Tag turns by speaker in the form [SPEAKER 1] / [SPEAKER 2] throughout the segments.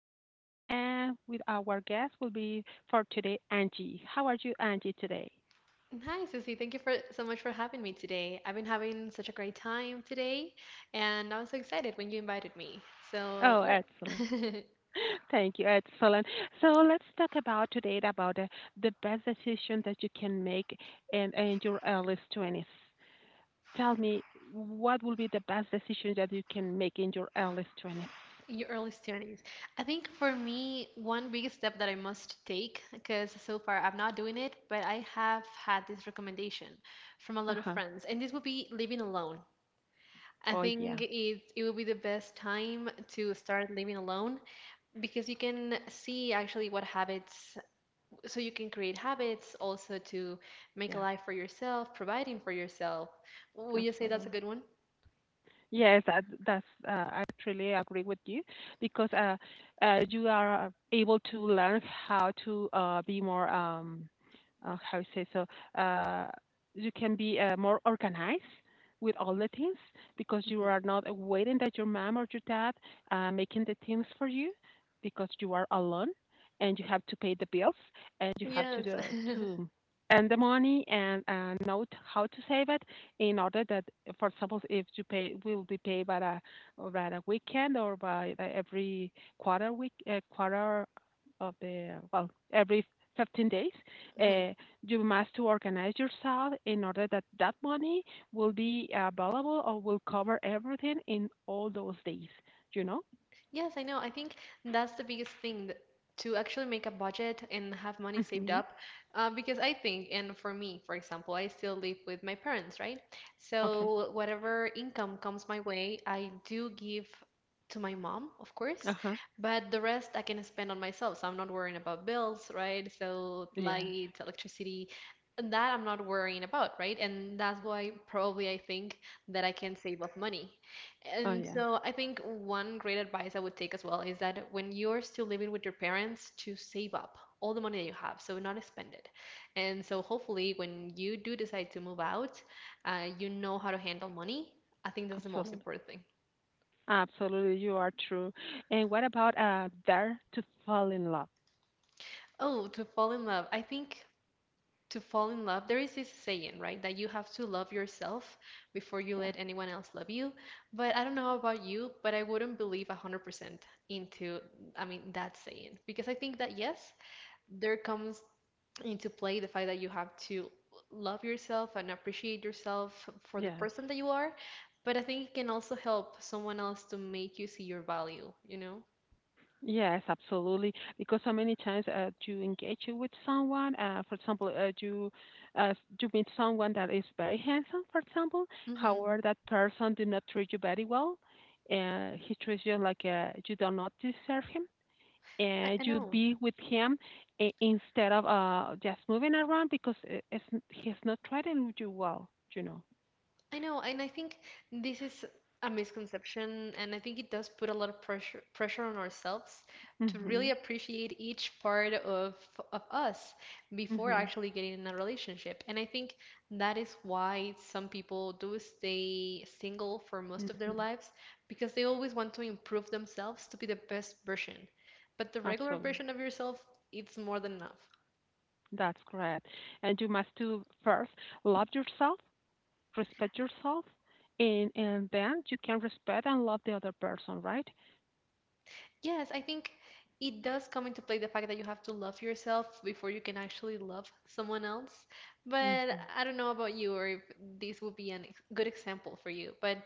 [SPEAKER 1] Susie, and with our guest will be for today, Angie. How are you, Angie, today?
[SPEAKER 2] Hi, Susie. Thank you for so much for having me today. I've been having such a great time today, and I was so excited when you invited me. So,
[SPEAKER 1] Oh, excellent.
[SPEAKER 2] yeah,
[SPEAKER 1] Thank you. Excellent. So let's talk about today about the best decision that you can make in your early 20s. Tell me, what will be the best decision that you can make in your early 20s?
[SPEAKER 2] your early 20s. I think for me, one big step that I must take, because so far I'm not doing it, but I have had this recommendation from a lot of
[SPEAKER 1] Uh-huh.
[SPEAKER 2] friends, and this would be living alone. I
[SPEAKER 1] Oh, yeah.
[SPEAKER 2] think it will be the best time to start living alone because you can see actually what habits so you can create habits also to make a
[SPEAKER 1] Yes,
[SPEAKER 2] life for yourself, providing for yourself. Would you say that's
[SPEAKER 1] absolutely.
[SPEAKER 2] a good one?
[SPEAKER 1] Yes, that's I truly agree with you because you are able to learn how to be more how you say so, uh, you can be more organized with all the things because you
[SPEAKER 2] Hmm.
[SPEAKER 1] are not waiting that your mom or your dad making the things for you because you are alone and you have to pay the bills and you have to
[SPEAKER 2] Yes.
[SPEAKER 1] do, to earn the money and know how to save it in order that, for example, if you pay will be paid by a weekend or by the every quarter week, quarter of the, well, every 15 days, uh, you must to organize yourself in order that that money will be available or will cover everything in all those days. You know?
[SPEAKER 2] Yes, I know. I think that's the biggest thing to actually make a budget and have money saved
[SPEAKER 1] Hmm
[SPEAKER 2] up. Because I think, and for me, for example, I still live with my parents, right?
[SPEAKER 1] Okay.
[SPEAKER 2] So whatever income comes my way, I do give to my mom, of
[SPEAKER 1] Uh
[SPEAKER 2] course,
[SPEAKER 1] huh.
[SPEAKER 2] but the rest I can spend on myself. So I'm not worrying about bills, right? So
[SPEAKER 1] Yes.
[SPEAKER 2] light, electricity, that I'm not worrying about, right? And that's why probably I think that I can save up money.
[SPEAKER 1] Oh
[SPEAKER 2] And
[SPEAKER 1] yeah.
[SPEAKER 2] so I think one great advice I would take as well is that when you're still living with your parents, to save up all the money that you have, so not spend it. And so hopefully, when you do decide to move out, you know how to handle money. I think that's the most
[SPEAKER 1] Absolutely.
[SPEAKER 2] important thing.
[SPEAKER 1] Absolutely. You are true. And what about dare to fall in love?
[SPEAKER 2] Oh, to fall in love. I think to fall in love, there is this saying, right, that you have to love yourself before you
[SPEAKER 1] Yeah.
[SPEAKER 2] let anyone else love you. But I don't know about you, but I wouldn't believe 100% into, I mean, that saying, because I think that, yes, there comes into play the fact that you have to love yourself and appreciate yourself for the
[SPEAKER 1] Yes.
[SPEAKER 2] person that you are, but I think it can also help someone else to make you see your value, you know?
[SPEAKER 1] Yes, absolutely. Because so many times you engage you with someone, uh, for example, uh, you meet someone that is very handsome, for example. However,
[SPEAKER 2] Hmm.
[SPEAKER 1] that person did not treat you very well. He treats you like you do not deserve him,
[SPEAKER 2] I
[SPEAKER 1] and you
[SPEAKER 2] know.
[SPEAKER 1] be with him instead of just moving around because it's, he's not treating you well, you know.
[SPEAKER 2] I know, and I think this is a misconception, and I think it does put a lot of pressure on ourselves to really
[SPEAKER 1] Mhm.
[SPEAKER 2] appreciate each part of us before
[SPEAKER 1] Mhm.
[SPEAKER 2] actually getting in a relationship. And I think that is why some people do stay single for most of their
[SPEAKER 1] Mhm.
[SPEAKER 2] lives, because they always want to improve themselves to be the best version. But the regular
[SPEAKER 1] Absolutely.
[SPEAKER 2] version of yourself, it's more than enough.
[SPEAKER 1] That's great. And you must do first love yourself, respect yourself, and then you can respect and love the other person, right?
[SPEAKER 2] Yes, I think it does come into play the fact that you have to love yourself before you can actually love someone else. But
[SPEAKER 1] hmm
[SPEAKER 2] I don't know about you, or if this would be an ex good example for you, but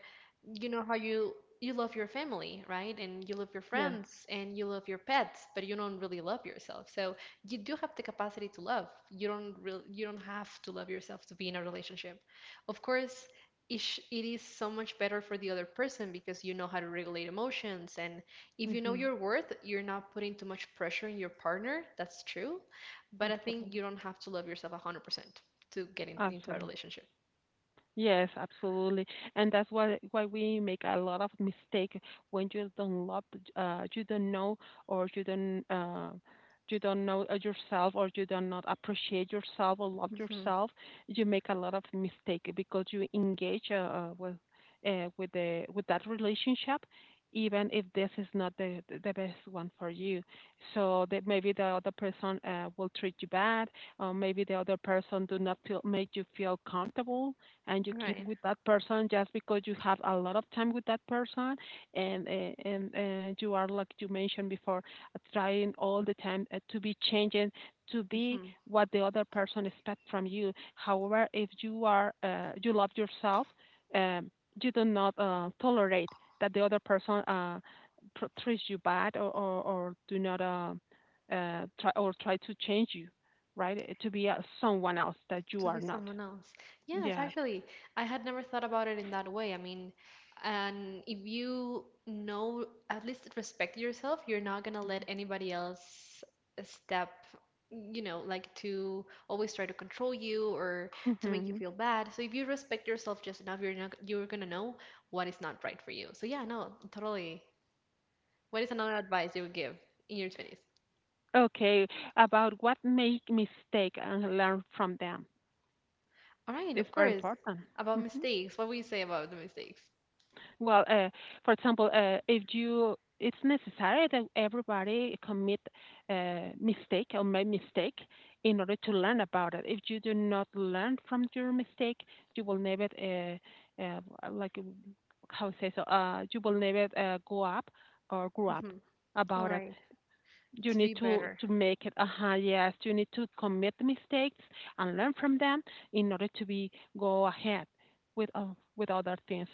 [SPEAKER 2] you know how you love your family, right? And you love your
[SPEAKER 1] Yes.
[SPEAKER 2] friends and you love your pets, but you don't really love yourself. So you do have the capacity to love. You don't have to love yourself to be in a relationship. Of course, it is so much better for the other person, because you know how to regulate emotions, and if you know
[SPEAKER 1] hmm
[SPEAKER 2] your worth, you're not putting too much pressure on your partner. That's true. But I think
[SPEAKER 1] Absolutely.
[SPEAKER 2] you don't have to love yourself 100% to get into a
[SPEAKER 1] Absolutely.
[SPEAKER 2] relationship.
[SPEAKER 1] Yes, absolutely. And that's why we make a lot of mistake when you don't love the you don't know, or you don't know yourself, or you don't not appreciate yourself or love
[SPEAKER 2] Hmm.
[SPEAKER 1] yourself, you make a lot of mistake because you engage with that relationship even if this is not the best one for you. So that maybe the other person will treat you bad, or maybe the other person do not feel make you feel comfortable, and you
[SPEAKER 2] All
[SPEAKER 1] keep
[SPEAKER 2] right.
[SPEAKER 1] with that person just because you have a lot of time with that person and you are, like you mentioned before, trying all the time to be changing, to be
[SPEAKER 2] Mm-hmm.
[SPEAKER 1] what the other person expects from you. However, if you are you love yourself, um, you do not tolerate that the other person treats you bad, or do not try or try to change you, right, to be someone else that you
[SPEAKER 2] To
[SPEAKER 1] are
[SPEAKER 2] be
[SPEAKER 1] not.
[SPEAKER 2] someone else. Yes,
[SPEAKER 1] Yes.
[SPEAKER 2] actually, I had never thought about it in that way. I mean, and if you know, at least respect yourself, you're not gonna let anybody else step, like, to always try to control you or to make you
[SPEAKER 1] Mhm.
[SPEAKER 2] feel bad. So if you respect yourself just enough, you're not, you're gonna know what is not right for you. So yeah, no, totally. What is another advice you would give in your 20s?
[SPEAKER 1] Okay. About what make mistake and learn from them
[SPEAKER 2] All right,
[SPEAKER 1] is
[SPEAKER 2] of
[SPEAKER 1] very
[SPEAKER 2] course.
[SPEAKER 1] important.
[SPEAKER 2] About
[SPEAKER 1] Mhm.
[SPEAKER 2] mistakes, what would you say about the mistakes?
[SPEAKER 1] Well, for example, if you, it's necessary that everybody commit mistake or make mistake in order to learn about it. If you do not learn from your mistake, you will never, uh, like, uh, how to say so, you will never go up or grow up
[SPEAKER 2] Mm-hmm. All
[SPEAKER 1] about it.
[SPEAKER 2] right.
[SPEAKER 1] You
[SPEAKER 2] To
[SPEAKER 1] need
[SPEAKER 2] be better.
[SPEAKER 1] to make it, uh-huh, yes, you need to commit the mistakes and learn from them in order to be go ahead with uh, with other things,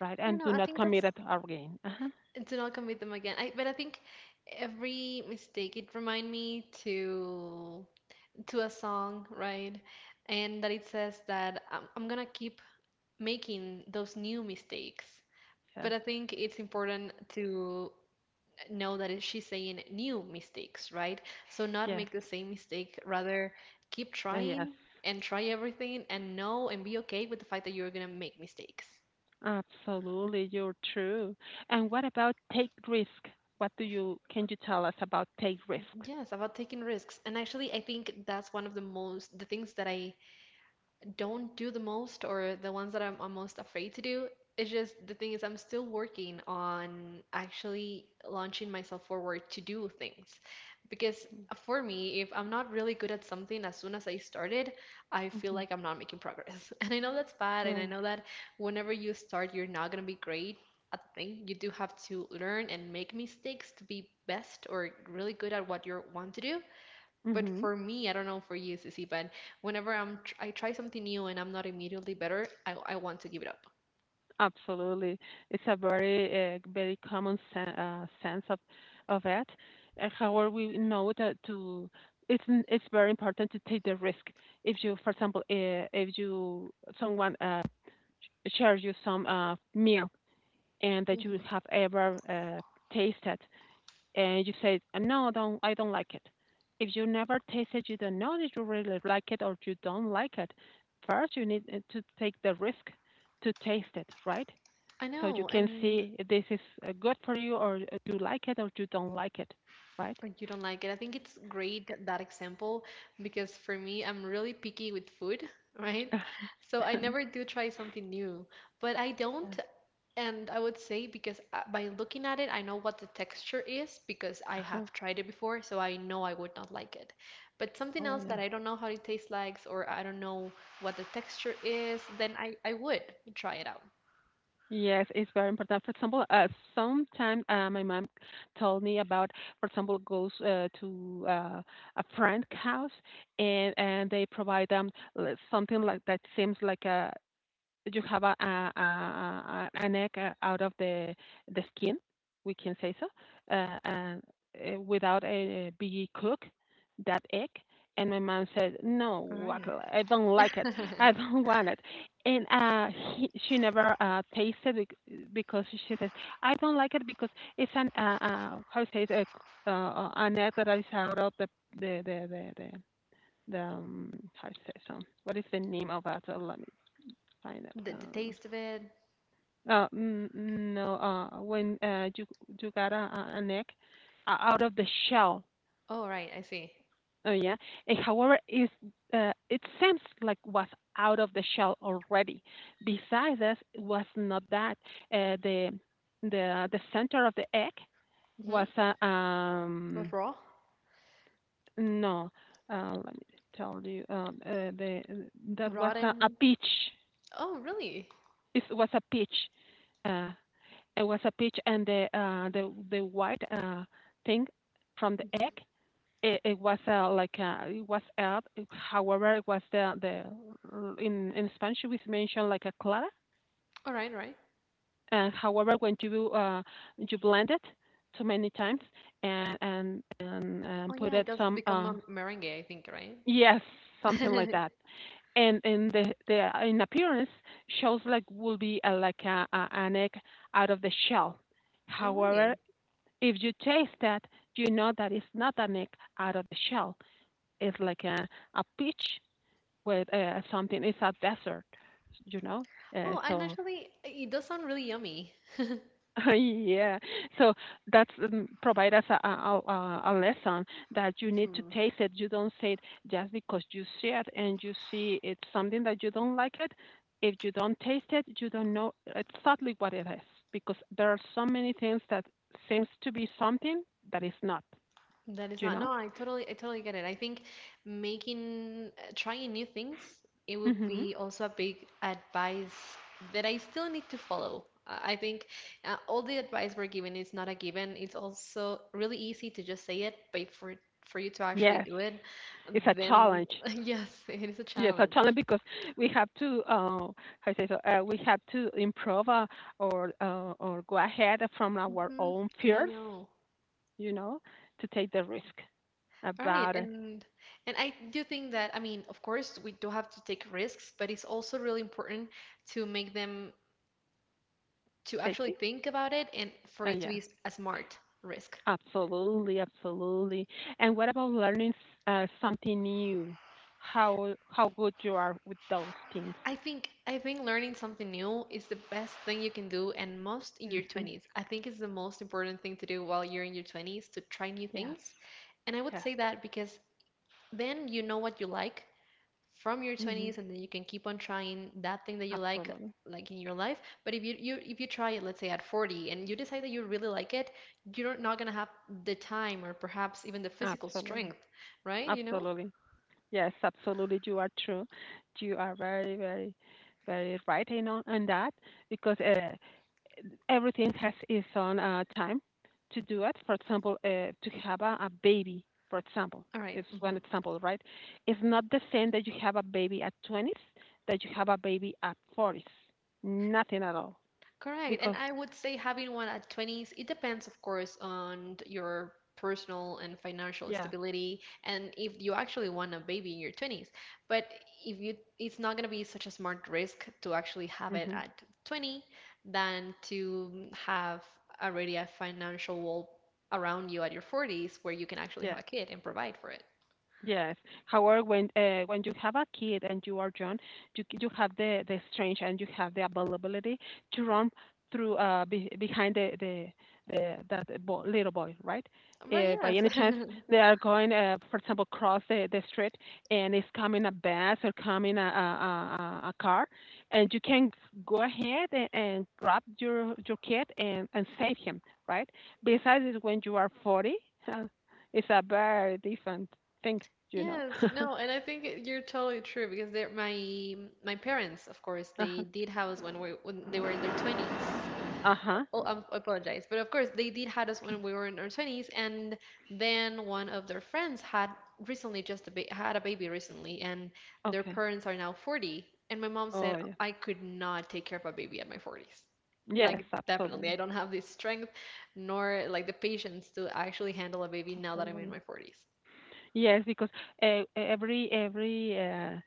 [SPEAKER 1] right, and do
[SPEAKER 2] I
[SPEAKER 1] not
[SPEAKER 2] think
[SPEAKER 1] commit
[SPEAKER 2] that's
[SPEAKER 1] it again, uh-huh.
[SPEAKER 2] to not commit them again. But I think every mistake, it remind me to a song, right? And that it says that I'm gonna keep making those new mistakes. But
[SPEAKER 1] Yes.
[SPEAKER 2] I think it's important to know that she's saying new mistakes, right? So not
[SPEAKER 1] Yes.
[SPEAKER 2] make the same mistake, rather keep
[SPEAKER 1] Yes,
[SPEAKER 2] trying and try everything and know and be okay with the fact that you're gonna make mistakes.
[SPEAKER 1] absolutely, you're true. And what about take risk? What do you, can you tell us about take risk?
[SPEAKER 2] Yes, about taking risks. And actually, I think that's one of the things that I don't do the most, or the ones that I'm most afraid to do. It's just, the thing is, I'm still working on actually launching myself forward to do things. Because for me, if I'm not really good at something as soon as I started, I feel
[SPEAKER 1] Mm-hmm.
[SPEAKER 2] like I'm not making progress. And I know that's bad. And I know that whenever you start, you're not going to be great at the thing. You do have to learn and make mistakes to be best or really good at what you want to do. But
[SPEAKER 1] Mm-hmm.
[SPEAKER 2] for me, I don't know for you, Sissy, but whenever I try something new and I'm not immediately better, I want to give it up.
[SPEAKER 1] Absolutely. It's a very, very common sense of it. However, we know that to it's it's very important to take the risk. If you, for example, if you someone shares you some meal and that you
[SPEAKER 2] Hmm.
[SPEAKER 1] have ever tasted, and you say, "No, I don't like it." If you never taste it, you don't know that you really like it or you don't like it. First, you need to take the risk to taste it, right?
[SPEAKER 2] I
[SPEAKER 1] So you
[SPEAKER 2] know,
[SPEAKER 1] can
[SPEAKER 2] and
[SPEAKER 1] see if this is good for you, or you like it or you don't like it, right?
[SPEAKER 2] you don't like it. I think it's great, that that example, because for me, I'm really picky with food, right? So I never do try something new, but I don't. And I would say because by looking at it, I know what the texture is, because I
[SPEAKER 1] Uh-huh.
[SPEAKER 2] have tried it before, so I know I would not like it. But something
[SPEAKER 1] Oh
[SPEAKER 2] else that
[SPEAKER 1] yeah.
[SPEAKER 2] I don't know how it tastes like, or I don't know what the texture is, then I would try it out.
[SPEAKER 1] Yes, it's very important. For example, sometime my mom told me about, for example, goes to a friend house, and they provide them something like that, seems like a, you have an egg out of the skin, we can say so, and without a be cook that egg. And my mom said,
[SPEAKER 2] All
[SPEAKER 1] "No,
[SPEAKER 2] right.
[SPEAKER 1] I don't like it. I don't want it." And she never tasted it because she says, "I don't like it because it's an how say it, an egg that is out of the the the, the the, how to say so. What is the name of that? Let me find it.
[SPEAKER 2] The taste of it.
[SPEAKER 1] No, when you got a an egg out of the shell,
[SPEAKER 2] Oh, right, I see.
[SPEAKER 1] oh yeah. And however, is it seems like was out of the shell already. Besides this, it was not that uh, the the center of the egg
[SPEAKER 2] Mm-hmm.
[SPEAKER 1] was a,
[SPEAKER 2] With
[SPEAKER 1] um,
[SPEAKER 2] raw?
[SPEAKER 1] no. Let me tell you, the that was a
[SPEAKER 2] Rotten.
[SPEAKER 1] peach.
[SPEAKER 2] Oh, really?
[SPEAKER 1] It was a peach. Uh, It was a peach and the white thing from the
[SPEAKER 2] Mm-hmm.
[SPEAKER 1] egg. It was it was out. However, it was the, in Spanish we mentioned like a clara.
[SPEAKER 2] All right, right.
[SPEAKER 1] And however, when you you blend it too many times and
[SPEAKER 2] Oh,
[SPEAKER 1] put
[SPEAKER 2] yeah, it
[SPEAKER 1] it
[SPEAKER 2] does
[SPEAKER 1] some
[SPEAKER 2] become a meringue, I think, right?
[SPEAKER 1] yes, something like that, and in the in appearance shows like will be like an egg out of the shell.
[SPEAKER 2] All
[SPEAKER 1] However,
[SPEAKER 2] right.
[SPEAKER 1] if you taste that, you know that it's not an egg out of the shell. It's like a peach with something. It's a dessert, you know.
[SPEAKER 2] Oh, and
[SPEAKER 1] So
[SPEAKER 2] actually, it does sound really yummy.
[SPEAKER 1] yeah, so that's provide us a lesson, that you need to
[SPEAKER 2] Mhm.
[SPEAKER 1] taste it. You don't say it just because you see it and you see it's something that you don't like it. If you don't taste it, you don't know exactly what it is, because there are so many things that seems to be something that is not.
[SPEAKER 2] That is
[SPEAKER 1] You
[SPEAKER 2] not,
[SPEAKER 1] know.
[SPEAKER 2] no, I totally get it. I think making, trying new things, it would
[SPEAKER 1] Mhm.
[SPEAKER 2] be also a big advice that I still need to follow. I think all the advice we're given is not a given. It's also really easy to just say it, but for you to actually
[SPEAKER 1] Yes.
[SPEAKER 2] do it,
[SPEAKER 1] It's a
[SPEAKER 2] then
[SPEAKER 1] challenge.
[SPEAKER 2] yes, it is a
[SPEAKER 1] Yes, a
[SPEAKER 2] challenge.
[SPEAKER 1] challenge, because we have to, how say so, we have to improve or go ahead from our
[SPEAKER 2] Hmm.
[SPEAKER 1] own
[SPEAKER 2] I
[SPEAKER 1] fears,
[SPEAKER 2] know.
[SPEAKER 1] you know, to take the risk
[SPEAKER 2] All right,
[SPEAKER 1] about
[SPEAKER 2] and I do think that, I mean, of course, we do have to take risks, but it's also really important to make them, to actually
[SPEAKER 1] safety.
[SPEAKER 2] think about it and for it to
[SPEAKER 1] Yes,
[SPEAKER 2] be a smart risk.
[SPEAKER 1] absolutely, absolutely. And what about learning something new? How good you are with those things?
[SPEAKER 2] I think learning something new is the best thing you can do, and most in your
[SPEAKER 1] Hmm
[SPEAKER 2] 20s. I think it's the most important thing to do while you're in your 20s, to try new
[SPEAKER 1] Yes,
[SPEAKER 2] things. And I would
[SPEAKER 1] yes.
[SPEAKER 2] say that because then you know what you like from your
[SPEAKER 1] hmm
[SPEAKER 2] 20s, and then you can keep on trying that thing that you like
[SPEAKER 1] Absolutely,
[SPEAKER 2] like in your life. But if you try it, let's say, at 40, and you decide that you really like it, you're not gonna have the time or perhaps even the physical
[SPEAKER 1] absolutely,
[SPEAKER 2] strength, right,
[SPEAKER 1] absolutely. Yes, absolutely. You are true. You are very, very, very right in on that, because everything has its own time to do it. For example, to have a baby, for example,
[SPEAKER 2] All right.
[SPEAKER 1] it's
[SPEAKER 2] Mm-hmm.
[SPEAKER 1] one example, right? It's not the same that you have a baby at 20s that you have a baby at 40s. Nothing at all.
[SPEAKER 2] Correct. And
[SPEAKER 1] Because,
[SPEAKER 2] I would say having one at 20s, it depends, of course, on your personal and financial
[SPEAKER 1] yes,
[SPEAKER 2] stability, and if you actually want a baby in your 20s. But if you, it's not going to be such a smart risk to actually have it
[SPEAKER 1] hmm
[SPEAKER 2] at 20, than to have already a financial wall around you at your 40s, where you can actually have a
[SPEAKER 1] yes.
[SPEAKER 2] kid and provide for it.
[SPEAKER 1] Yes. However, when you have a kid and you are young, you you have the strength and you have the availability to run through be, behind the that little boy, right?
[SPEAKER 2] But
[SPEAKER 1] By
[SPEAKER 2] yes.
[SPEAKER 1] any chance they are going, for example, cross the street, and it's coming a bus or coming a car, and you can go ahead and grab your kid and save him, right? Besides, when you are 40, uh, it's a very different thing, do you know?
[SPEAKER 2] Yes, no, and I think you're totally true, because they're my parents. Of course, they
[SPEAKER 1] Uh-huh.
[SPEAKER 2] did have us when we when they were in their 20s.
[SPEAKER 1] Uh-huh.
[SPEAKER 2] Oh, I apologize. But of course, they did had us
[SPEAKER 1] Okay.
[SPEAKER 2] when we were in our 20s, and then one of their friends had recently, just a ba had a baby recently, and their
[SPEAKER 1] Okay.
[SPEAKER 2] parents are now 40. And my mom said
[SPEAKER 1] Oh, yeah.
[SPEAKER 2] I could not take care of a baby at my 40s.
[SPEAKER 1] Yes,
[SPEAKER 2] Like, definitely,
[SPEAKER 1] absolutely.
[SPEAKER 2] I don't have the strength nor like the patience to actually handle a baby now that I'm in
[SPEAKER 1] Absolutely.
[SPEAKER 2] my 40s.
[SPEAKER 1] Yes, because uh, every every uh,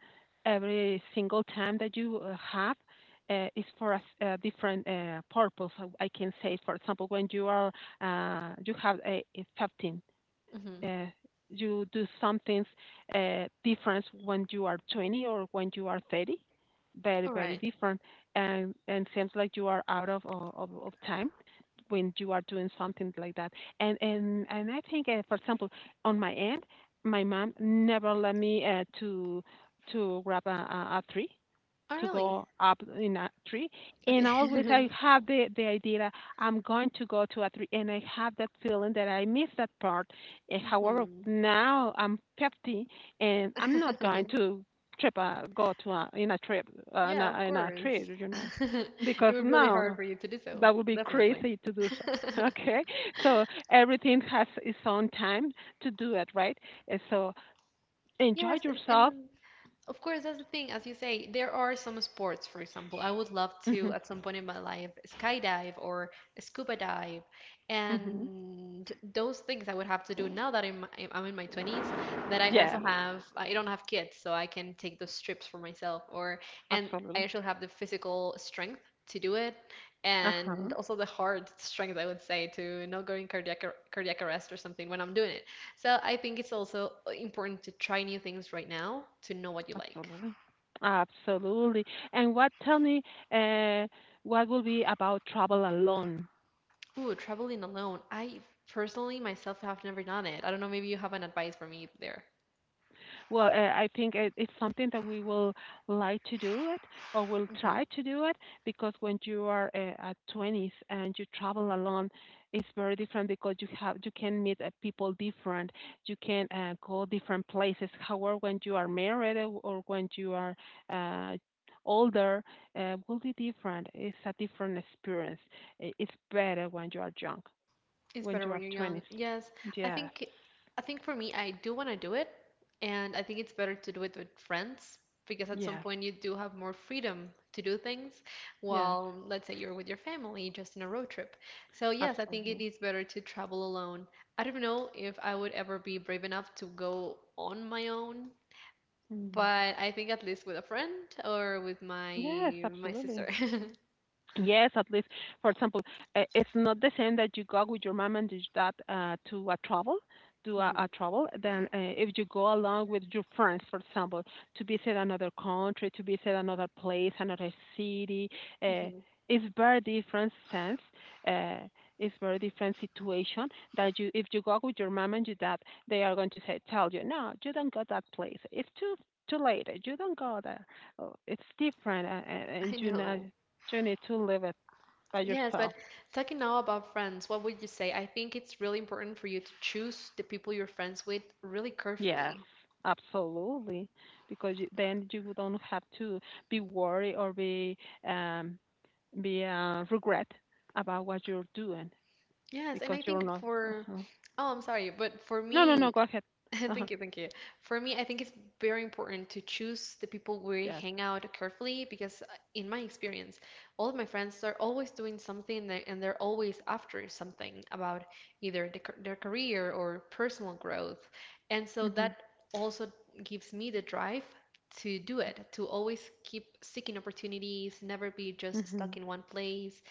[SPEAKER 1] every single time that you have is for a different purpose. I can say, for example, when you are you have a 15,
[SPEAKER 2] Mm-hmm.
[SPEAKER 1] uh, you do some things different when you are 20 or when you are 30. Very
[SPEAKER 2] All
[SPEAKER 1] very
[SPEAKER 2] right.
[SPEAKER 1] different, and seems like you are out of time when you are doing something like that. And I think, for example, on my end, my mom never let me to grab a tree,
[SPEAKER 2] Oh,
[SPEAKER 1] to
[SPEAKER 2] really?
[SPEAKER 1] go up in a tree. And always
[SPEAKER 2] Okay.
[SPEAKER 1] I have the idea that I'm going to go to a tree and I have that feeling that I missed that part. However,
[SPEAKER 2] Mhm.
[SPEAKER 1] now I'm 50 and I'm not going to trip, go to a, in a trip,
[SPEAKER 2] Yeah, of
[SPEAKER 1] in a tree,
[SPEAKER 2] course. It
[SPEAKER 1] because
[SPEAKER 2] would be really
[SPEAKER 1] no,
[SPEAKER 2] hard
[SPEAKER 1] no,
[SPEAKER 2] for you to do so,
[SPEAKER 1] that would be
[SPEAKER 2] definitely.
[SPEAKER 1] crazy to do so. Okay, so everything has its own time to do it, right? So enjoy
[SPEAKER 2] Yes, and,
[SPEAKER 1] yourself.
[SPEAKER 2] and of course, that's the thing. As you say, there are some sports, for example, I would love to
[SPEAKER 1] hmm
[SPEAKER 2] at some point in my life skydive or scuba dive.
[SPEAKER 1] hmm
[SPEAKER 2] And those things I would have to do now that I'm in my 20s, that I also
[SPEAKER 1] Yes,
[SPEAKER 2] have, I don't have kids, so I can take those trips for myself or, and I
[SPEAKER 1] absolutely.
[SPEAKER 2] actually have the physical strength to do it. And
[SPEAKER 1] Uh-huh.
[SPEAKER 2] also the heart strength, I would say, to not go in cardiac arrest or something when I'm doing it. So I think it's also important to try new things right now to know what you like.
[SPEAKER 1] Absolutely. Absolutely. And what, tell me, uh, what will be about travel alone?
[SPEAKER 2] Ooh, traveling alone. I personally myself have never done it. I don't know, maybe you have an advice for me there.
[SPEAKER 1] Well, I think it's something that we will like to do it or will try to do it because when you are at 20s and you travel alone, it's very different because you have you can meet people different, you can go different places. However, when you are married or when you are uh, older, will be different. It's a different experience. I- It's better when you are young,
[SPEAKER 2] It's
[SPEAKER 1] when
[SPEAKER 2] better
[SPEAKER 1] you are
[SPEAKER 2] when you're young.
[SPEAKER 1] 20s.
[SPEAKER 2] Yes, I
[SPEAKER 1] Yes,
[SPEAKER 2] think I think for me, I do want to do it, and I think it's better to do it with friends because at some
[SPEAKER 1] yes,
[SPEAKER 2] point you do have more freedom to do things
[SPEAKER 1] yes,
[SPEAKER 2] while, let's say, you're with your family just in a road trip. So yes, I think it
[SPEAKER 1] absolutely.
[SPEAKER 2] is better to travel alone. I don't know if I would ever be brave enough to go on my own,
[SPEAKER 1] Mm.
[SPEAKER 2] but I think at least with a friend or with my
[SPEAKER 1] Yes,
[SPEAKER 2] my
[SPEAKER 1] absolutely.
[SPEAKER 2] sister.
[SPEAKER 1] Yes, at least, for example, it's not the same that you go with your mom and your dad to a travel, to a
[SPEAKER 2] Mhm,
[SPEAKER 1] travel, than if you go along with your friends, for example, to visit another country, to visit another place, another city. Uh,
[SPEAKER 2] mhm.
[SPEAKER 1] it's very different sense. Uh, it's very different situation that you, if you go with your mom and your dad, they are going to say, tell you, no, you don't go that place. It's too late. You don't go there. Oh, it's different,
[SPEAKER 2] I
[SPEAKER 1] and you know
[SPEAKER 2] know.
[SPEAKER 1] you need to live it by
[SPEAKER 2] Yes, but
[SPEAKER 1] yourself.
[SPEAKER 2] talking now about friends, what would you say? I think it's really important for you to choose the people you're friends with really
[SPEAKER 1] Yes,
[SPEAKER 2] carefully.
[SPEAKER 1] absolutely. Because you, then you don't have to be worried or um be regret about what you're doing
[SPEAKER 2] Yes, and
[SPEAKER 1] because
[SPEAKER 2] I
[SPEAKER 1] you're
[SPEAKER 2] think
[SPEAKER 1] not.
[SPEAKER 2] for,
[SPEAKER 1] uh
[SPEAKER 2] oh, I'm sorry, but for
[SPEAKER 1] No, no, no.
[SPEAKER 2] me,
[SPEAKER 1] Go ahead. Uh huh.
[SPEAKER 2] Thank you. For me, I think it's very important to choose the people we
[SPEAKER 1] Yes.
[SPEAKER 2] hang out carefully because, in my experience, all of my friends are always doing something that, and they're always after something about either their career or personal growth. And so
[SPEAKER 1] Mhm.
[SPEAKER 2] that also gives me the drive to do it, to always keep seeking opportunities, never be just stuck
[SPEAKER 1] Mhm.
[SPEAKER 2] in one place,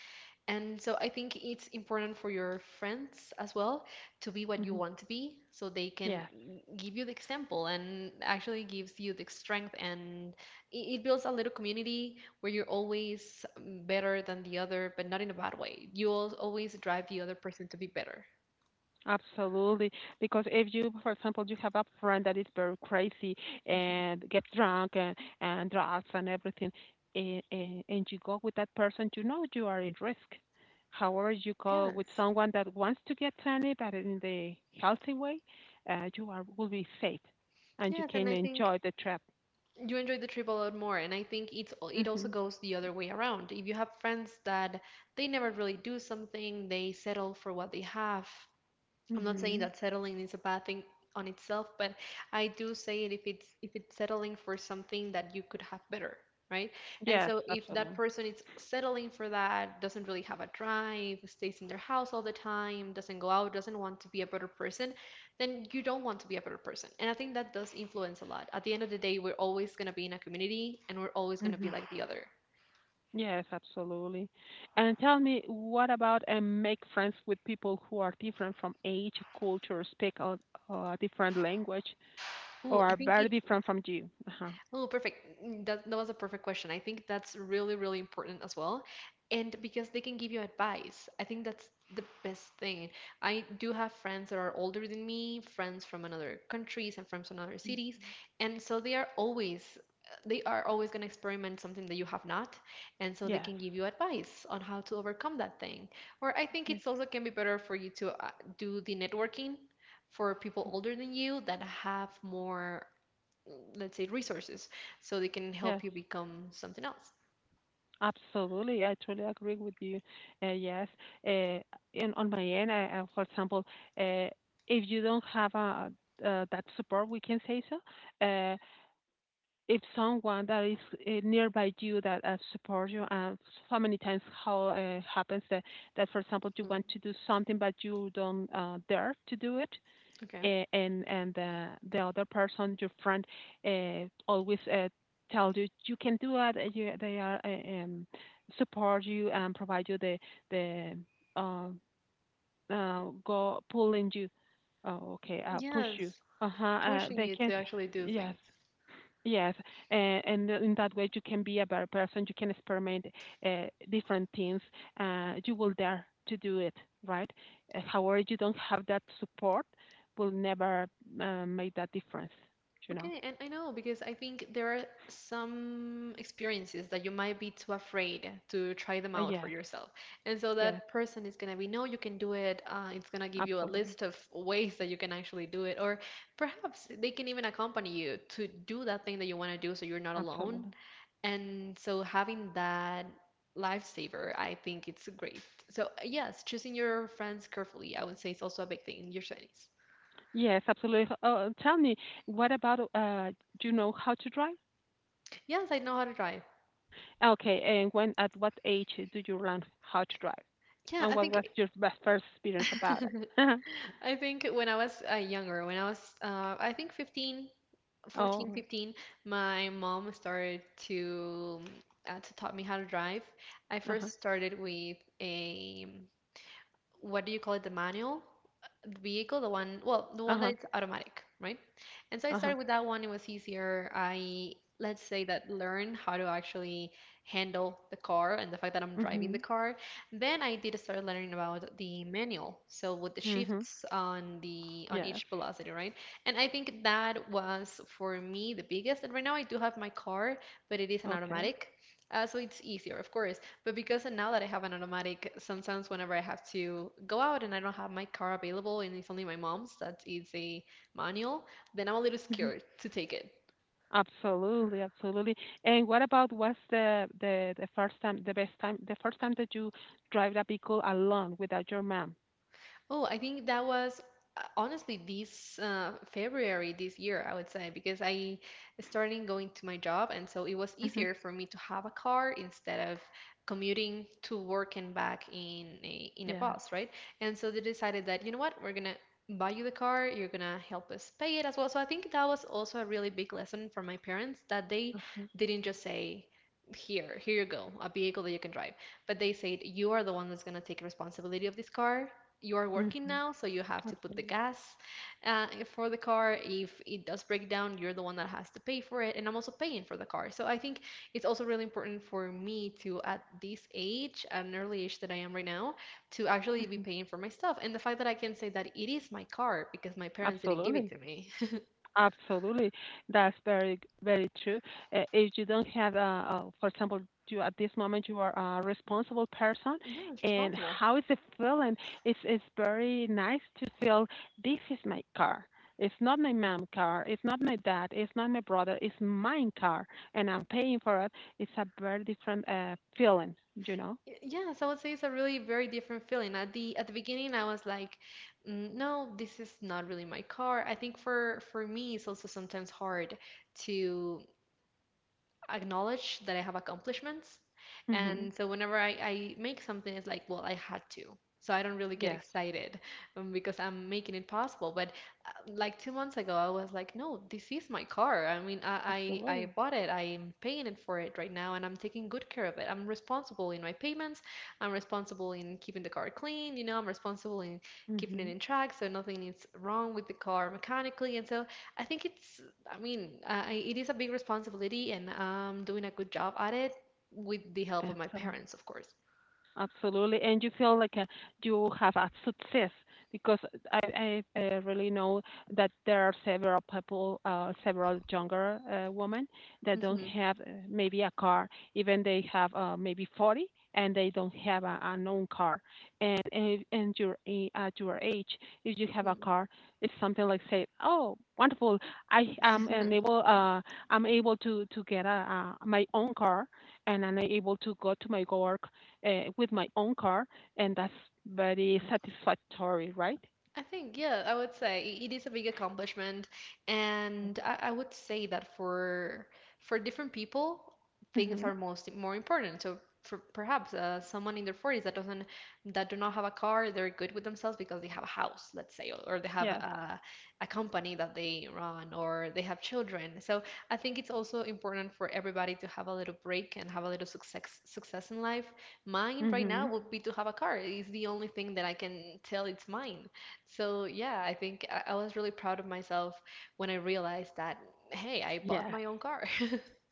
[SPEAKER 2] and so I think it's important for your friends as well to be what you
[SPEAKER 1] Mhm.
[SPEAKER 2] want to be so they can
[SPEAKER 1] Yes.
[SPEAKER 2] give you the example and actually gives you the strength and it builds a little community where you're always better than the other, but not in a bad way. You always drive the other person to be better.
[SPEAKER 1] Absolutely. Because if you, for example, you have a friend that is very crazy
[SPEAKER 2] Mhm.
[SPEAKER 1] and gets drunk and drugs and everything, and you go with that person, you know you are in risk. However, you go with
[SPEAKER 2] Yes.
[SPEAKER 1] someone that wants to get sunny, but in the healthy way, you are will be safe and you
[SPEAKER 2] Yes, and
[SPEAKER 1] can
[SPEAKER 2] I think
[SPEAKER 1] enjoy the trip.
[SPEAKER 2] you enjoy the trip a lot more, and I think it's it also
[SPEAKER 1] hmm
[SPEAKER 2] goes the other way around. If you have friends that they never really do something, they settle for what they have, I'm not saying
[SPEAKER 1] hmm
[SPEAKER 2] that settling is a bad thing on itself, but I do say it if it's settling for something that you could have better, right? And
[SPEAKER 1] Yes,
[SPEAKER 2] so if that
[SPEAKER 1] absolutely.
[SPEAKER 2] person is settling for that, doesn't really have a drive, stays in their house all the time, doesn't go out, doesn't want to be a better person, then you don't want to be a better person. And I think that does influence a lot. At the end of the day, we're always going to be in a community and we're always going to be
[SPEAKER 1] hmm
[SPEAKER 2] like the other.
[SPEAKER 1] Yes, absolutely. And tell me, what about and make friends with people who are different from age, culture, speak a different language,
[SPEAKER 2] Ooh,
[SPEAKER 1] or
[SPEAKER 2] I
[SPEAKER 1] are
[SPEAKER 2] think
[SPEAKER 1] very
[SPEAKER 2] it.
[SPEAKER 1] different from you? Uh-huh.
[SPEAKER 2] Oh, perfect. Mm, that was a perfect question. I think that's really important as well. And because they can give you advice, I think that's the best thing. I do have friends that are older than me, friends from another countries and friends from other
[SPEAKER 1] Mm.
[SPEAKER 2] cities. And so they are always going to experiment something that you have not. And so they can
[SPEAKER 1] Yes,
[SPEAKER 2] give you advice on how to overcome that thing. Or I think
[SPEAKER 1] yes,
[SPEAKER 2] it's also can be better for you to do the networking for people
[SPEAKER 1] Mm.
[SPEAKER 2] older than you that have more, let's say, resources so they can help
[SPEAKER 1] yes.
[SPEAKER 2] you become something else.
[SPEAKER 1] Absolutely, I truly agree with you. Yes, uh, and on my end, I, for example, uh, if you don't have a, that support, we can say so. Uh, if someone that is nearby you that supports you, and so many times how happens that, that, for example, you
[SPEAKER 2] Hmm,
[SPEAKER 1] want to do something but you don't dare to do it,
[SPEAKER 2] okay,
[SPEAKER 1] and the other person, your friend, always tell you you can do it. You, they are support you and provide you the uh, go pulling you. Oh, okay, push you.
[SPEAKER 2] yes,
[SPEAKER 1] Uh huh.
[SPEAKER 2] pushing
[SPEAKER 1] They
[SPEAKER 2] you
[SPEAKER 1] can.
[SPEAKER 2] to actually do
[SPEAKER 1] Yes.
[SPEAKER 2] things.
[SPEAKER 1] Yes, and in that way you can be a better person. You can experiment uh, different things. You will dare to do it, right? However, you don't have that support, will never make that difference. You know?
[SPEAKER 2] Okay, and I know because I think there are some experiences that you might be too afraid to try them
[SPEAKER 1] Uh,
[SPEAKER 2] out for
[SPEAKER 1] yes,
[SPEAKER 2] yourself, and so
[SPEAKER 1] yes,
[SPEAKER 2] that person is going to be no you can do it, it's going to give you a
[SPEAKER 1] absolutely,
[SPEAKER 2] list of ways that you can actually do it or perhaps they can even accompany you to do that thing that you want to do so you're not alone.
[SPEAKER 1] absolutely.
[SPEAKER 2] And so having that lifesaver, I think it's great. So yes, choosing your friends carefully, I would say is also a big thing in your 20s.
[SPEAKER 1] Yes, absolutely. H- Tell me, what about do you know how to drive?
[SPEAKER 2] Yes, I know how to drive.
[SPEAKER 1] Okay, and when at what age did you learn how to drive?
[SPEAKER 2] Yeah,
[SPEAKER 1] And
[SPEAKER 2] I
[SPEAKER 1] what was
[SPEAKER 2] think
[SPEAKER 1] your best first experience about it?
[SPEAKER 2] I think when I was younger, when I was I think 15, 14,
[SPEAKER 1] oh,
[SPEAKER 2] 15, my mom started to taught me how to drive. I
[SPEAKER 1] uh-huh.
[SPEAKER 2] first started with a, what do you call it, the manual? Vehicle, the one, well, the one that
[SPEAKER 1] Uh-huh.
[SPEAKER 2] it's automatic, right? And so I
[SPEAKER 1] Uh-huh.
[SPEAKER 2] started with that one. It was easier. I, let's say that learn how to actually handle the car and the fact that I'm driving the
[SPEAKER 1] Mhm.
[SPEAKER 2] car. Then I did start learning about the manual, so with the
[SPEAKER 1] Mhm.
[SPEAKER 2] shifts on the on
[SPEAKER 1] Yes.
[SPEAKER 2] each velocity, right? And I think that was for me the biggest. And right now I do have my car, but it is an
[SPEAKER 1] Okay.
[SPEAKER 2] automatic. So it's easier, of course. But because now that I have an automatic, sometimes whenever I have to go out and I don't have my car available and it's only my mom's that is a manual, then I'm a little
[SPEAKER 1] Mhm.
[SPEAKER 2] scared to take it.
[SPEAKER 1] Absolutely, absolutely. And what about what's the the first time, the best time, the first time that you drive the vehicle alone without your mom?
[SPEAKER 2] Oh, I think that was honestly this February this year, I would say, because I started going to my job, and so it was
[SPEAKER 1] Mhm.
[SPEAKER 2] easier for me to have a car instead of commuting to work and back in in a
[SPEAKER 1] Yes.
[SPEAKER 2] bus, right? And so they decided that, you know what, we're gonna buy you the car, you're gonna help us pay it as well. So I think that was also a really big lesson for my parents that they
[SPEAKER 1] Uh-huh.
[SPEAKER 2] didn't just say, here, here you go, a vehicle that you can drive. But they said, you are the one that's going to take responsibility of this car, you are working
[SPEAKER 1] Mhm.
[SPEAKER 2] now, so you have to put the
[SPEAKER 1] Absolutely.
[SPEAKER 2] gas uh, for the car. If it does break down, you're the one that has to pay for it. And I'm also paying for the car. So I think it's also really important for me to, at this age, at an early age that I am right now, to actually be
[SPEAKER 1] Mhm.
[SPEAKER 2] paying for my stuff. And the fact that I can say that it is my car because my parents didn't give it
[SPEAKER 1] Absolutely.
[SPEAKER 2] to me.
[SPEAKER 1] Absolutely. That's very, very true. If you don't have, for example, you at this moment you are a responsible person,
[SPEAKER 2] Yeah, it's
[SPEAKER 1] and
[SPEAKER 2] responsible.
[SPEAKER 1] how is it feeling? It's very nice to feel this is my car. It's not my mom car. It's not my dad. It's not my brother. It's mine car, and I'm paying for it. It's a very different feeling, you know?
[SPEAKER 2] Y- Yes, I would say it's a really very different feeling. At the beginning, I was like, "Mm, no, this is not really my car." I think for me, it's also sometimes hard to acknowledge that I have accomplishments.
[SPEAKER 1] hmm
[SPEAKER 2] And so whenever I make something, it's like, well, I had to. So I don't really get
[SPEAKER 1] Yes,
[SPEAKER 2] excited, because I'm making it possible. But like 2 months ago, I was like, no, this is my car. I mean, I
[SPEAKER 1] absolutely.
[SPEAKER 2] bought it. I'm paying it for it right now, and I'm taking good care of it. I'm responsible in my payments. I'm responsible in keeping the car clean. You know, I'm responsible in keeping it
[SPEAKER 1] hmm
[SPEAKER 2] in track, so nothing is wrong with the car mechanically. And so I think it's, I mean, it is a big responsibility, and I'm doing a good job at it with the help of my
[SPEAKER 1] Excellent.
[SPEAKER 2] parents, of course.
[SPEAKER 1] Absolutely. And you feel like you have a success because I really know that there are several people, several younger women that don't
[SPEAKER 2] Hmm.
[SPEAKER 1] have maybe a car, even they have maybe 40 and they don't have a known car. At your age, if you have a car, it's something like say, oh, wonderful. I am able, I'm able to get my own car and I'm able to go to my work with my own car, and that's very satisfactory, right?
[SPEAKER 2] I think, yeah, I would say it is a big accomplishment, and I would say that for different people, things
[SPEAKER 1] hmm
[SPEAKER 2] are most more important. So for perhaps someone in their 40s that doesn't that do not have a car, they're good with themselves because they have a house, let's say, or they have
[SPEAKER 1] Yes.
[SPEAKER 2] a company that they run, or they have children. So I think it's also important for everybody to have a little break and have a little success in life. Mine right now
[SPEAKER 1] hmm
[SPEAKER 2] would be to have a car. It's the only thing that I can tell it's mine. So yeah, I think I was really proud of myself when I realized that, hey, I bought
[SPEAKER 1] Yes.
[SPEAKER 2] my own car.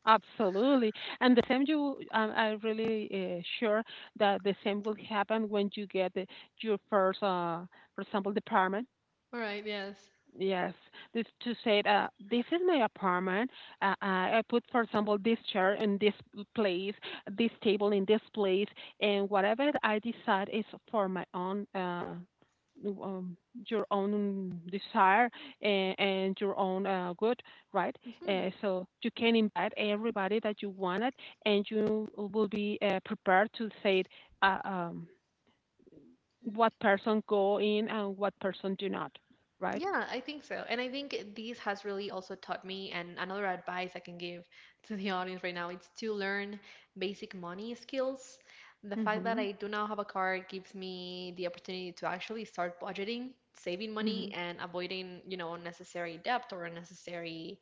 [SPEAKER 1] Absolutely. And the same you, I'm really sure that the same will happen when you get the, your first, for example, department.
[SPEAKER 2] All right, yes.
[SPEAKER 1] Yes, this to say that this is my apartment. I put, for example, this chair in this place, this table in this place, and whatever I decide is for my own, um, your own desire and your own good, right?
[SPEAKER 2] Hmm.
[SPEAKER 1] So you can invite everybody that you wanted, and you will be prepared to say uh, um, what person go in and what person do not, right?
[SPEAKER 2] Yeah, I think so. And I think this has really also taught me, and another advice I can give to the audience right now, it's to learn basic money skills. The fact that
[SPEAKER 1] hmm
[SPEAKER 2] I do now have a car gives me the opportunity to actually start budgeting, saving money,
[SPEAKER 1] Mhm.
[SPEAKER 2] and avoiding, you know, unnecessary debt or unnecessary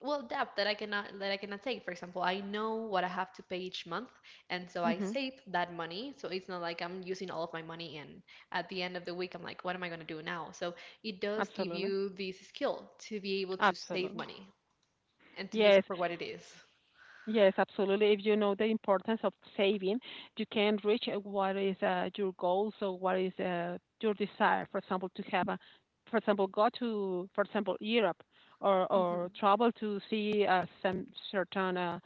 [SPEAKER 2] well debt that I cannot take. For example, I know what I have to pay each month, and so I
[SPEAKER 1] Mhm.
[SPEAKER 2] save that money. So it's not like I'm using all of my money and at the end of the week I'm like, what am I going to do now? So it does give
[SPEAKER 1] Absolutely.
[SPEAKER 2] you this skill to be able to save
[SPEAKER 1] Absolutely.
[SPEAKER 2] money and to use it
[SPEAKER 1] Yes.
[SPEAKER 2] for what it is.
[SPEAKER 1] Yes, absolutely. If you know the importance of saving, you can reach what is your goals or what is your desire. For example, to have a, for example, go to, for example, Europe or
[SPEAKER 2] Mm-hmm.
[SPEAKER 1] or travel to see some certain uh,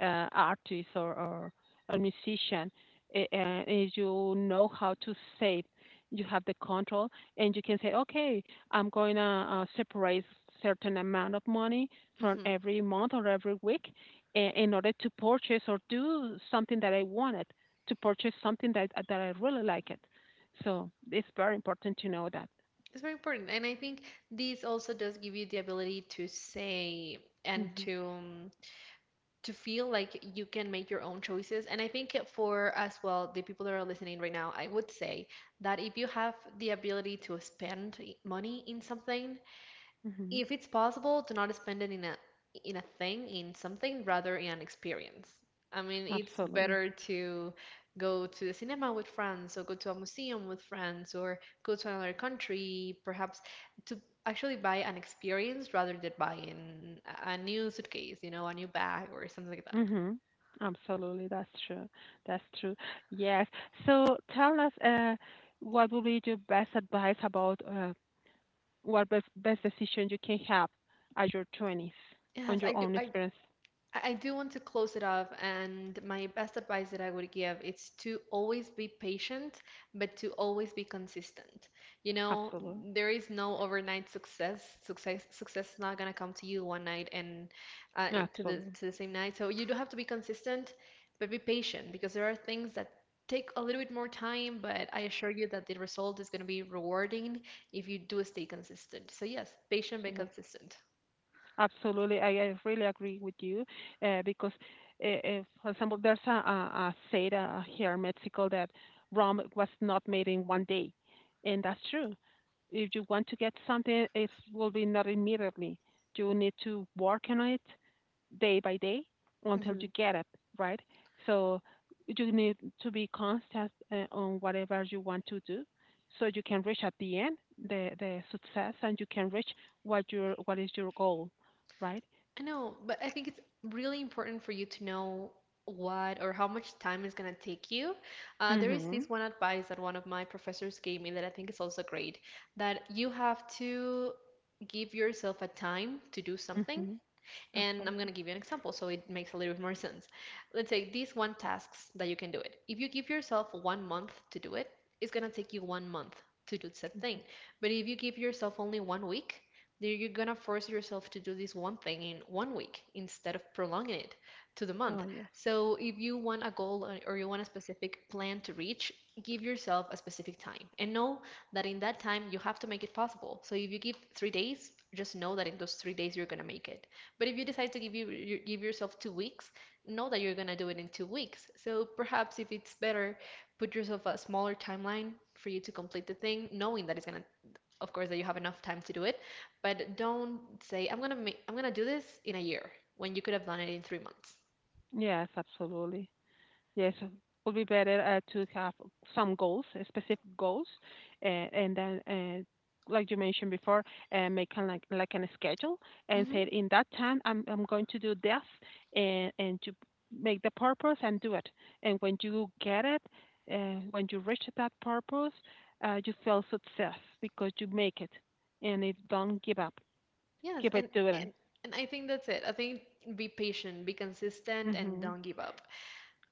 [SPEAKER 1] uh, artist or a musician. A- And if you know how to save, you have the control, and you can say, okay, I'm going to separate certain amount of money from
[SPEAKER 2] Mm-hmm.
[SPEAKER 1] every month or every week I- in order to purchase or do something that I wanted to purchase something that I really like it. So it's very important to know that.
[SPEAKER 2] It's very important. And I think this also does give you the ability to say and
[SPEAKER 1] hmm
[SPEAKER 2] to feel like you can make your own choices. And I think for as well, the people that are listening right now, I would say that if you have the ability to spend money in something,
[SPEAKER 1] hmm
[SPEAKER 2] if it's possible, do not spend it in a thing, in something, rather in an experience. I mean, it's
[SPEAKER 1] Absolutely.
[SPEAKER 2] better to go to the cinema with friends, or go to a museum with friends, or go to another country, perhaps to actually buy an experience rather than buying a new suitcase, you know, a new bag or something like that.
[SPEAKER 1] hmm Absolutely. That's true. That's true. Yes. So tell us, what would be your best advice about what best, best decision you can have at your twenties on
[SPEAKER 2] Yes, I
[SPEAKER 1] your
[SPEAKER 2] do.
[SPEAKER 1] own
[SPEAKER 2] I
[SPEAKER 1] experience?
[SPEAKER 2] I do want to close it off, and my best advice that I would give is to always be patient, but to always be consistent. You know,
[SPEAKER 1] Absolutely.
[SPEAKER 2] there is no overnight success. Success is not gonna come to you one night and
[SPEAKER 1] Absolutely.
[SPEAKER 2] to the same night. So you do have to be consistent, but be patient because there are things that take a little bit more time, but I assure you that the result is gonna be rewarding if you do stay consistent. So yes, patient but
[SPEAKER 1] Absolutely.
[SPEAKER 2] consistent.
[SPEAKER 1] Absolutely, I really agree with you because for example, there's a saying here in Mexico that Rome was not made in 1 day, and that's true. If you want to get something, it will be not immediately. You need to work on it day by day until you
[SPEAKER 2] Mhm.
[SPEAKER 1] get it right. So you need to be constant on whatever you want to do, so you can reach at the end the success and you can reach what your what is your goal right?
[SPEAKER 2] I know, but I think it's really important for you to know what or how much time is going to take you. There is
[SPEAKER 1] Mhm.
[SPEAKER 2] this one advice that one of my professors gave me that I think is also great, that you have to give yourself a time to do something,
[SPEAKER 1] Mhm.
[SPEAKER 2] and I'm going
[SPEAKER 1] Absolutely.
[SPEAKER 2] to give you an example so it makes a little bit more sense. Let's say these one tasks that you can do it. If you give yourself 1 month to do it, it's going to take you 1 month to do said thing. But if you give yourself only 1 week, then you're going to force yourself to do this one thing in 1 week instead of prolonging it to the
[SPEAKER 1] Oh
[SPEAKER 2] month.
[SPEAKER 1] yes.
[SPEAKER 2] So if you want a goal or you want a specific plan to reach, give yourself a specific time and know that in that time you have to make it possible. So if you give 3 days, just know that in those 3 days you're going to make it. But if you decide to you give yourself 2 weeks, know that you're gonna do it in 2 weeks. So perhaps if it's better, put yourself a smaller timeline for you to complete the thing, knowing that it's gonna, of course, that you have enough time to do it. But don't say I'm gonna do this in a year when you could have done it in 3 months.
[SPEAKER 1] Yes, absolutely. Yes, it would be better to have some goals, specific goals, uh, and then, uh, like you mentioned before, make kind like an schedule and
[SPEAKER 2] Hmm
[SPEAKER 1] say in that time I'm going to do this, and to make the purpose and do it. And when you get it, when you reach that purpose, you feel success because you make it, and if don't give up,
[SPEAKER 2] Yes,
[SPEAKER 1] keep it
[SPEAKER 2] and
[SPEAKER 1] doing
[SPEAKER 2] and and I think that's it. I think be patient, be consistent, and
[SPEAKER 1] Mhm.
[SPEAKER 2] don't give up.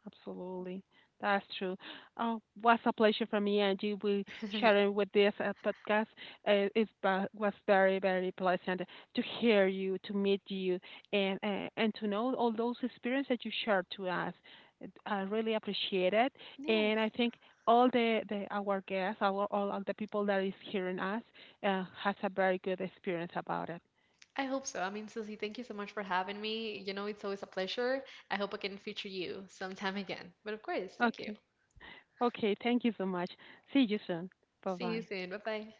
[SPEAKER 1] Absolutely. That's true. Oh, was a pleasure for me Angie. We sharing with this podcast. It was very, very pleasant to hear you, to meet you, and to know all those experiences that you shared to us. It- I really appreciate it, and I
[SPEAKER 2] Yes.
[SPEAKER 1] think all the, our guests, our all of the people that is hearing us, has a very good experience about it.
[SPEAKER 2] I hope so. I mean, Susie, thank you so much for having me. You know, it's always a pleasure. I hope I can feature you sometime again. But of course, thank you.
[SPEAKER 1] Okay. Okay. Thank you so much. See you soon. Bye
[SPEAKER 2] See you
[SPEAKER 1] bye.
[SPEAKER 2] soon. Bye bye.